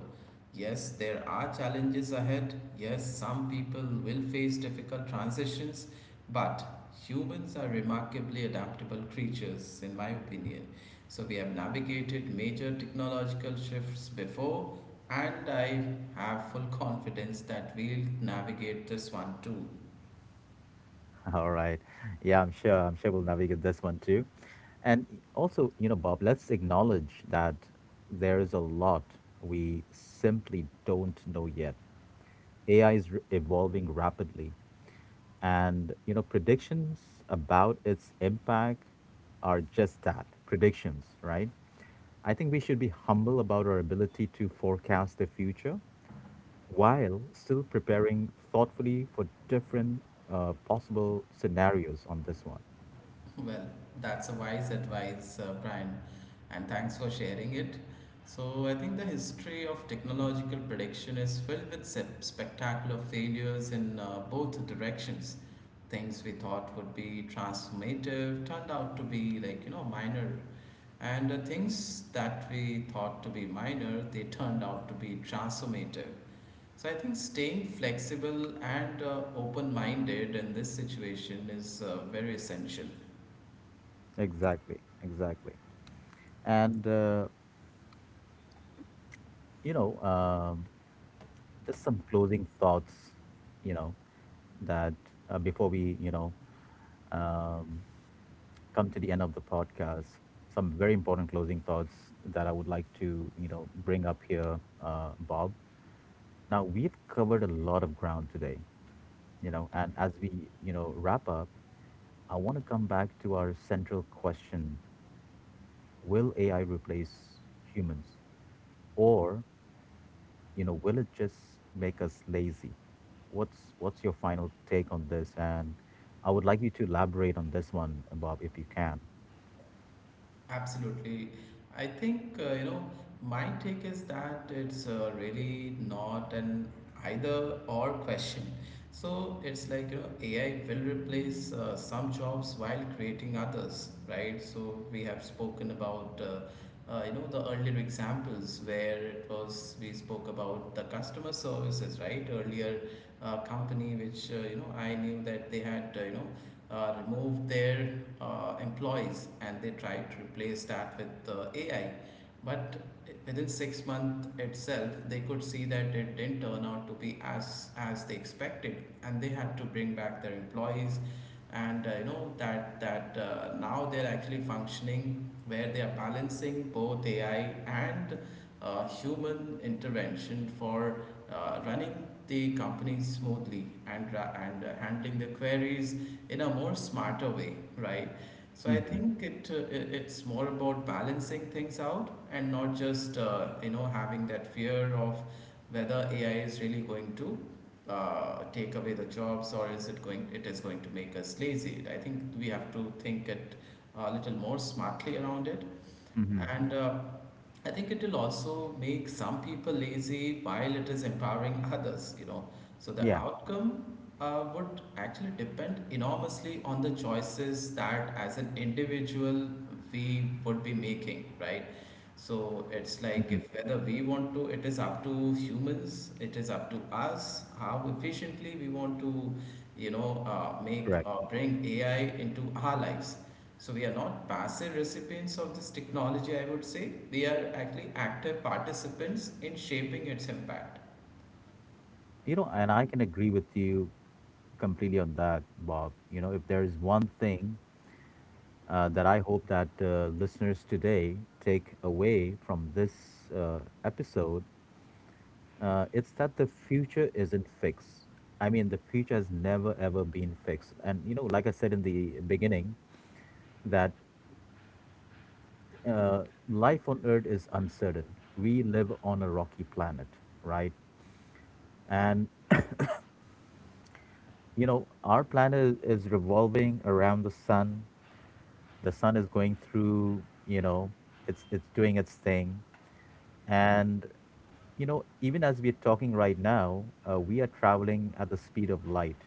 Speaker 2: Yes, there are challenges ahead. Yes, some people will face difficult transitions, but humans are remarkably adaptable creatures, in my opinion. So we have navigated major technological shifts before, and I have full confidence that we'll navigate this one too.
Speaker 1: All right. Yeah. I'm sure we'll navigate this one too. And also, you know, Bob, let's acknowledge that there is a lot we simply don't know yet. AI is r evolving rapidly, and you know predictions about its impact are just that, predictions, right? I think we should be humble about our ability to forecast the future while still preparing thoughtfully for different possible scenarios on this one.
Speaker 2: Well, that's a wise advice, Brian, and thanks for sharing it. So, I think the history of technological prediction is filled with spectacular failures in both directions. Things we thought would be transformative turned out to be like, you know, minor. And things that we thought to be minor, they turned out to be transformative. So, I think staying flexible and open minded in this situation is very essential.
Speaker 1: Exactly. And, you know, um, just some closing thoughts, you know, that before we, um, come to the end of the podcast. Some very important closing thoughts that I would like to, bring up here, Bob. Now we've covered a lot of ground today, and as we, wrap up, I want to come back to our central question: will AI replace humans, or, will it just make us lazy? What's your final take on this? And I would like you to elaborate on this one, Bob, if you can.
Speaker 2: Absolutely. I think, you know, my take is that it's really not an either or question. So it's like, you know, AI will replace some jobs while creating others, right? So we have spoken about, you know, the earlier examples where it was, we spoke about the customer services, right? Earlier, company which you know I knew that they had you know removed their employees and they tried to replace that with AI. But within 6 months itself, they could see that it didn't turn out to be as they expected, and they had to bring back their employees, and you know that that now they're actually functioning where they are balancing both AI and human intervention for running the company smoothly and handling the queries in a more smarter way, right? So I
Speaker 1: Hmm.
Speaker 2: think it's more about balancing things out and not just you know having that fear of whether AI is really going to take away the jobs, or is it going, it is going to make us lazy. I think we have to think it a little more smartly around it,
Speaker 1: Hmm.
Speaker 2: and I think it will also make some people lazy while it is empowering others. You know, so the
Speaker 1: Yeah.
Speaker 2: outcome would actually depend enormously on the choices that as an individual we would be making, right? So it's like
Speaker 1: Mhm.
Speaker 2: if whether we want to, it is up to humans, it is up to us how efficiently we want to, you know, make
Speaker 1: Correct.
Speaker 2: or bring AI into our lives. So we are not passive recipients of this technology, I would say. We are actually active participants in shaping its impact.
Speaker 1: You know, and I can agree with you completely on that, Bob. You know, if there is one thing that I hope that listeners today take away from this episode, it's that the future isn't fixed. I mean, the future has never ever been fixed. And, you know, like I said in the beginning, that life on Earth is uncertain. We live on a rocky planet, right? And, you know, our planet is revolving around the sun, the sun is going through, you know, it's doing its thing, and you know, even as we're talking right now, we are traveling at the speed of light.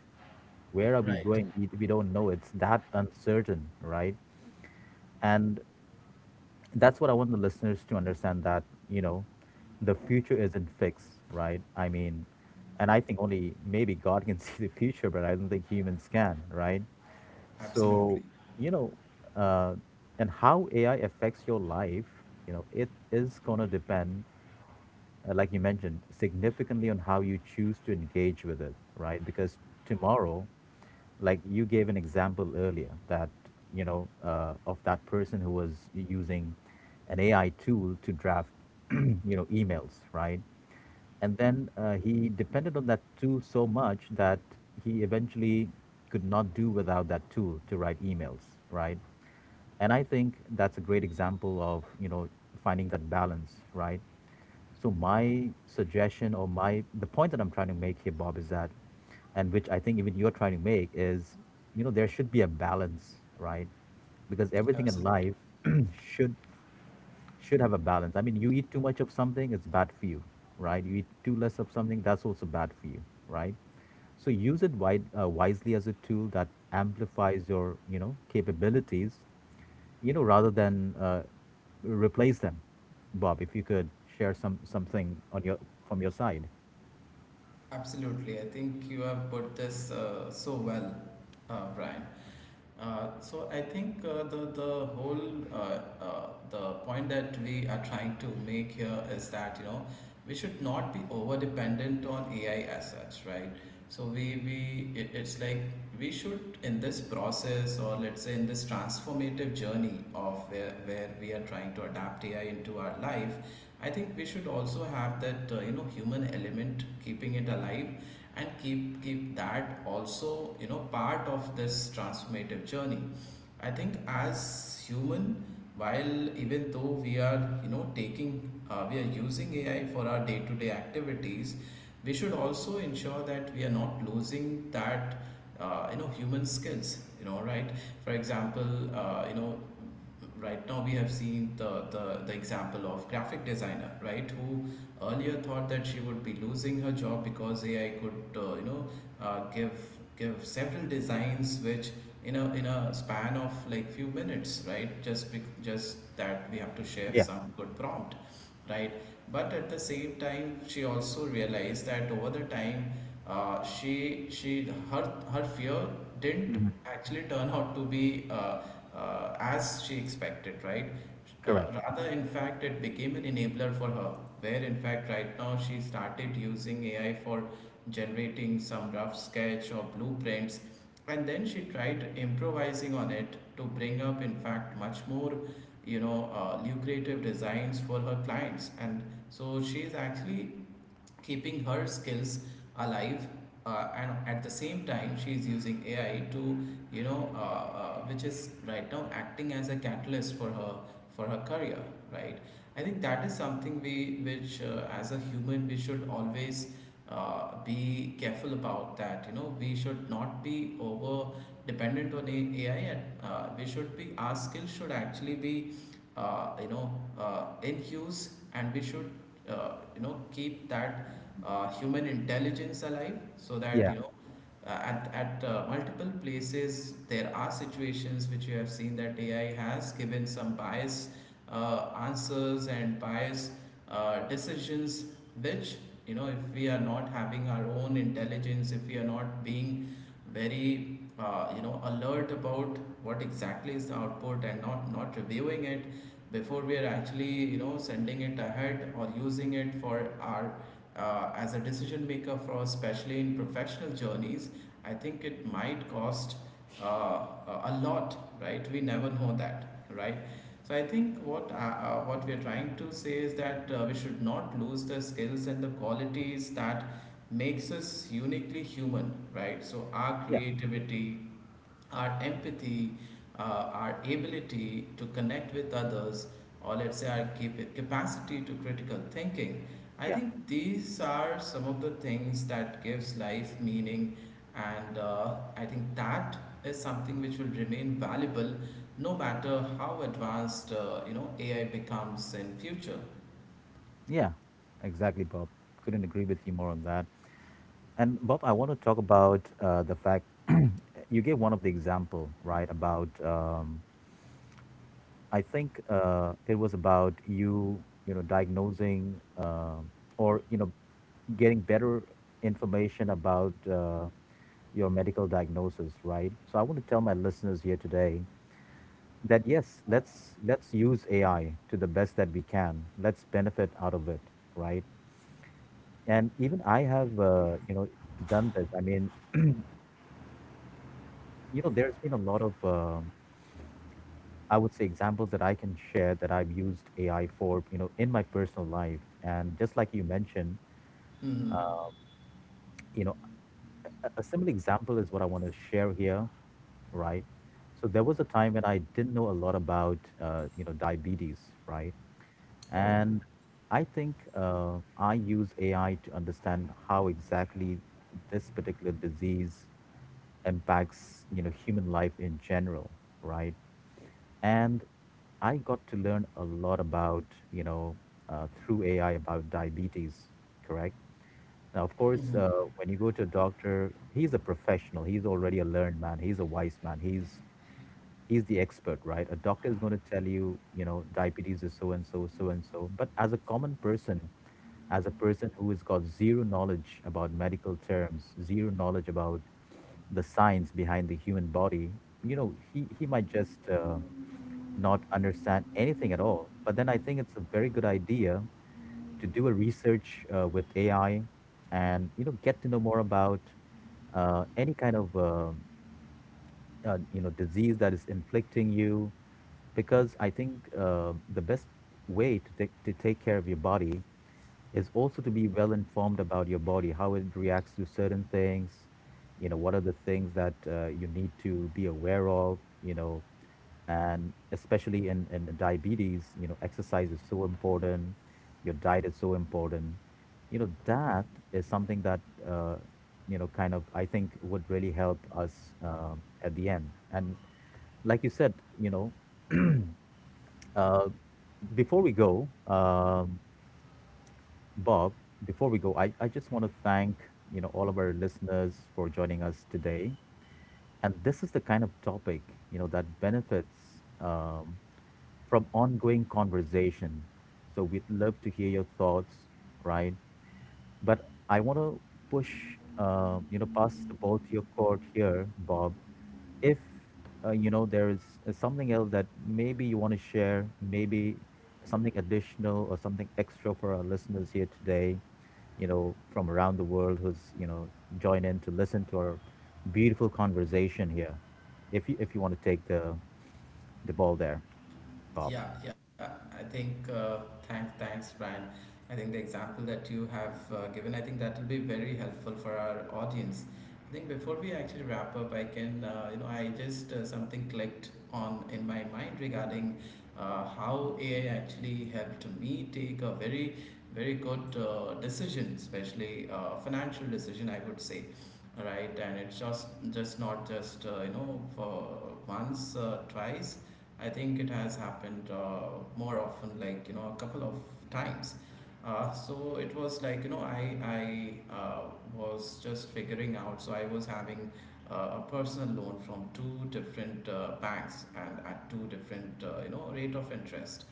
Speaker 1: Where are we
Speaker 2: Right.
Speaker 1: going? We don't know. It's that uncertain, right? And that's what I want the listeners to understand, that you know the future isn't fixed, right? I mean, and I think only maybe god can see the future, but I don't think humans can, right? So,
Speaker 2: Absolutely.
Speaker 1: you know, uh, and how AI affects your life, you know, it is going to depend, like you mentioned, significantly on how you choose to engage with it, right? Because tomorrow, like you gave an example earlier that, you know, of that person who was using an AI tool to draft, you know, emails, right? And then he depended on that tool so much that he eventually could not do without that tool to write emails, right? And I think that's a great example of, you know, finding that balance, right? So my suggestion or my the point that I'm trying to make here, Bob, is that, and which I think even you're trying to make is, you know, there should be a balance, right? Because everything in
Speaker 2: Absolutely.
Speaker 1: life should have a balance. I mean, you eat too much of something, it's bad for you, right? You eat too less of something, that's also bad for you, right? So use it wide, wisely as a tool that amplifies your, you know, capabilities, you know, rather than replace them, Bob, if you could share some something on your from your side.
Speaker 2: Absolutely. I think you have put this so well, Brian. So I think the whole the point that we are trying to make here is that you know we should not be over dependent on AI as such, right? So it's like we should, in this process, or let's say in this transformative journey of where we are trying to adapt AI into our life, I think we should also have that you know human element keeping it alive, and keep that also you know part of this transformative journey. I think as human, while even though we are you know taking, we are using AI for our day to day activities, we should also ensure that we are not losing that you know human skills, you know, right? For example, you know, right now we have seen the example of graphic designer, right, who earlier thought that she would be losing her job because AI could uh, give give several designs which in a span of like few minutes, right, just just that we have to share
Speaker 1: Yeah.
Speaker 2: some good prompt, right? But at the same time she also realized that over the time, she her her fear didn't
Speaker 1: Mhm.
Speaker 2: actually turn out to be as she expected, right.
Speaker 1: Correct.
Speaker 2: Rather, in fact, it became an enabler for her, where in fact right now she started using AI for generating some rough sketch or blueprints, and then she tried improvising on it to bring up in fact much more, you know, lucrative designs for her clients. And so she's actually keeping her skills alive, and at the same time she is using AI to, you know, which is right now acting as a catalyst for her, for her career, right? I think that is something we which, as a human, we should always be careful about, that you know we should not be over dependent on AI. And we should be, our skills should actually be you know in use, and we should you know keep that human intelligence alive, so that
Speaker 1: Yeah,
Speaker 2: you know at multiple places there are situations which you have seen that AI has given some biased answers and biased decisions which, you know, if we are not having our own intelligence, if we are not being very you know alert about what exactly is the output and not reviewing it before we are actually you know sending it ahead or using it for our, as a decision maker for, especially in professional journeys, I think it might cost a lot, right? We never know that, right? So I think what we are trying to say is that, we should not lose the skills and the qualities that makes us uniquely human, right? So our
Speaker 1: yeah,
Speaker 2: creativity, our empathy, our ability to connect with others, or let's say our capacity to critical thinking. I
Speaker 1: yeah,
Speaker 2: think these are some of the things that gives life meaning, and I think that is something which will remain valuable no matter how advanced AI becomes in future.
Speaker 1: yeah. Exactly, Bob. Couldn't agree with you more on that. And Bob, I want to talk about the fact you gave one of the example, right, about I think it was about you, you know, diagnosing or you know, getting better information about your medical diagnosis, right? So I want to tell my listeners here today that yes, let's use AI to the best that we can. Let's benefit out of it, right? And even I have, you know, done this. I mean, you know, there's been a lot of I would say examples that I can share that I've used AI for, you know, in my personal life. And just like you mentioned,
Speaker 2: Hmm.
Speaker 1: you know, a similar example is what I want to share here, right? So there was a time when I didn't know a lot about, you know, diabetes, right?
Speaker 2: Oh.
Speaker 1: And I think I use AI to understand how exactly this particular disease impacts, you know, human life in general, right? And I got to learn a lot about, you know, through AI about diabetes. Correct. Now, of course, when you go to a doctor, he's a professional. He's already a learned man. He's a wise man. He's the expert, right? A doctor is going to tell you, you know, diabetes is so and so, so and so. But as a common person, as a person who has got zero knowledge about medical terms, zero knowledge about the science behind the human body, you know, he might just not understand anything at all. But then I think it's a very good idea to do a research with AI, and you know get to know more about any kind of you know disease that is inflicting you. Because I think the best way to, take care of your body is also to be well informed about your body, how it reacts to certain things, you know, what are the things that you need to be aware of, you know, and especially in diabetes, you know, exercise is so important, your diet is so important. You know, that is something that uh, you know kind of I think would really help us at the end. And like you said, you know, uh, before we go, Bob, before we go, I just want to thank, you know, all of our listeners for joining us today. And this is the kind of topic, you know, that benefits from ongoing conversation. So we'd love to hear your thoughts, right? But I want to push, you know, pass the ball to your court here, Bob. If you know there is something else that maybe you want to share, maybe something additional or something extra for our listeners here today, you know, from around the world who's you know join in to listen to our beautiful conversation here. If you want to take the ball there, Bob.
Speaker 2: Yeah. I think thanks, Brian. I think the example that you have given, I think that will be very helpful for our audience. I think before we actually wrap up, I can, I just something clicked on in my mind regarding how AI actually helped me take a very good decision, especially financial decision, I would say. All right, and it's just not just for once, twice. I think it has happened more often, a couple of times. So it was I was just figuring out. So I was having a personal loan from two different banks and at two different rate of interest,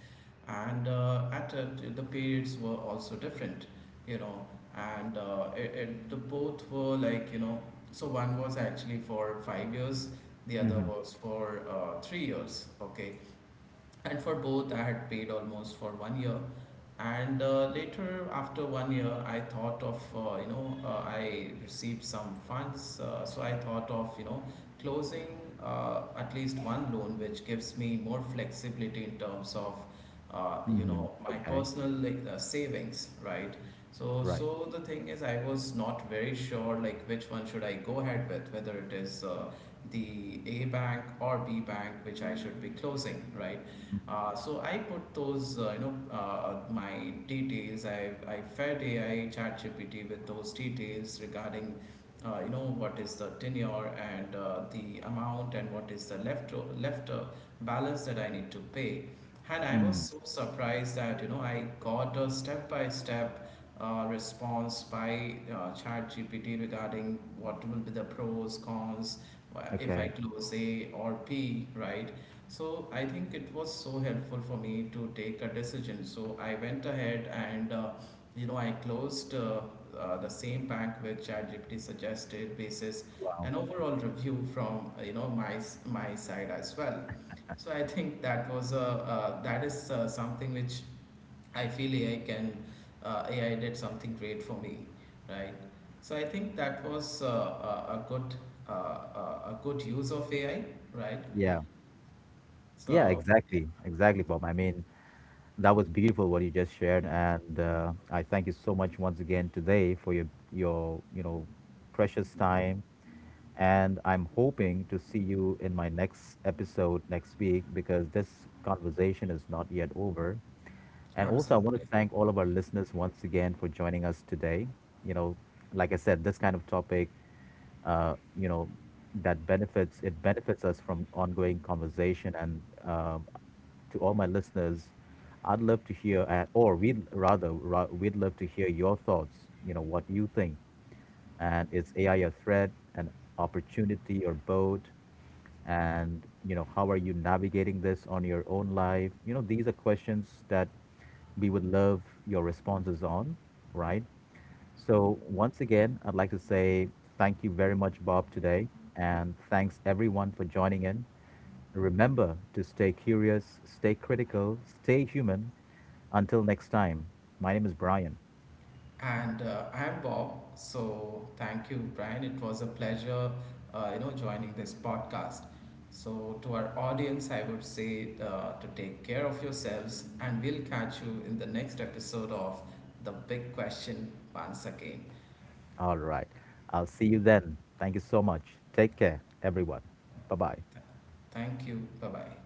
Speaker 2: and at it the periods were also different, you know, and the both were so one was actually for 5 years, the other
Speaker 1: Mm-hmm.
Speaker 2: was for 3 years. Okay. And for both I had paid almost for one year, and later after one year I thought of I received some funds, so I thought of closing at least one loan which gives me more flexibility in terms of
Speaker 1: Mm-hmm.
Speaker 2: my
Speaker 1: Okay.
Speaker 2: personal like savings, right? So
Speaker 1: Right.
Speaker 2: the thing is I was not very sure like which one should I go ahead with, whether it is the A bank or B bank which I should be closing, right? So I put those, my details. I fed AI ChatGPT with those details regarding what is the tenure and the amount and what is the left balance that I need to pay. And I was
Speaker 1: Mm.
Speaker 2: so surprised that you know I got a step by step response by ChatGPT regarding what will be the pros, cons, if I
Speaker 1: Okay.
Speaker 2: close A or P, right? So I think it was so helpful for me to take a decision. So I went ahead and I closed the same bank which ChatGPT suggested basis
Speaker 1: Wow.
Speaker 2: an overall review from my my side as well. So I think that was a that is something which I feel AI can AI did something great for me, right? So I think that was a good uh, a a good use of AI, right?
Speaker 1: Yeah. Yeah,
Speaker 2: So
Speaker 1: exactly, exactly, Bob. I mean, that was beautiful what you just shared, and I thank you so much once again today for your you know precious time. And I'm hoping to see you in my next episode next week because this conversation is not yet over. And also, I want
Speaker 2: absolutely.
Speaker 1: to thank all of our listeners once again for joining us today. You know, like I said, this kind of topic, you know, that benefits it benefits us from ongoing conversation. And to all my listeners, I'd love to hear, or we'd rather, we'd love to hear your thoughts. You know, what you think, and is AI a threat, an opportunity, or both? And you know, how are you navigating this on your own life? You know, these are questions that we would love your responses on, right? So once again, I'd like to say thank you very much, Bob, today, and thanks everyone for joining in. Remember to stay curious, stay critical, stay human. Until next time, my name is Brian.
Speaker 2: And I'm Bob. So thank you, Brian. It was a pleasure, joining this podcast. So to our audience, I would say to take care of yourselves, and we'll catch you in the next episode of The Big Question once again.
Speaker 1: All right. I'll see you then. Thank you so much. Take care, everyone. Bye bye.
Speaker 2: Thank you. Bye bye.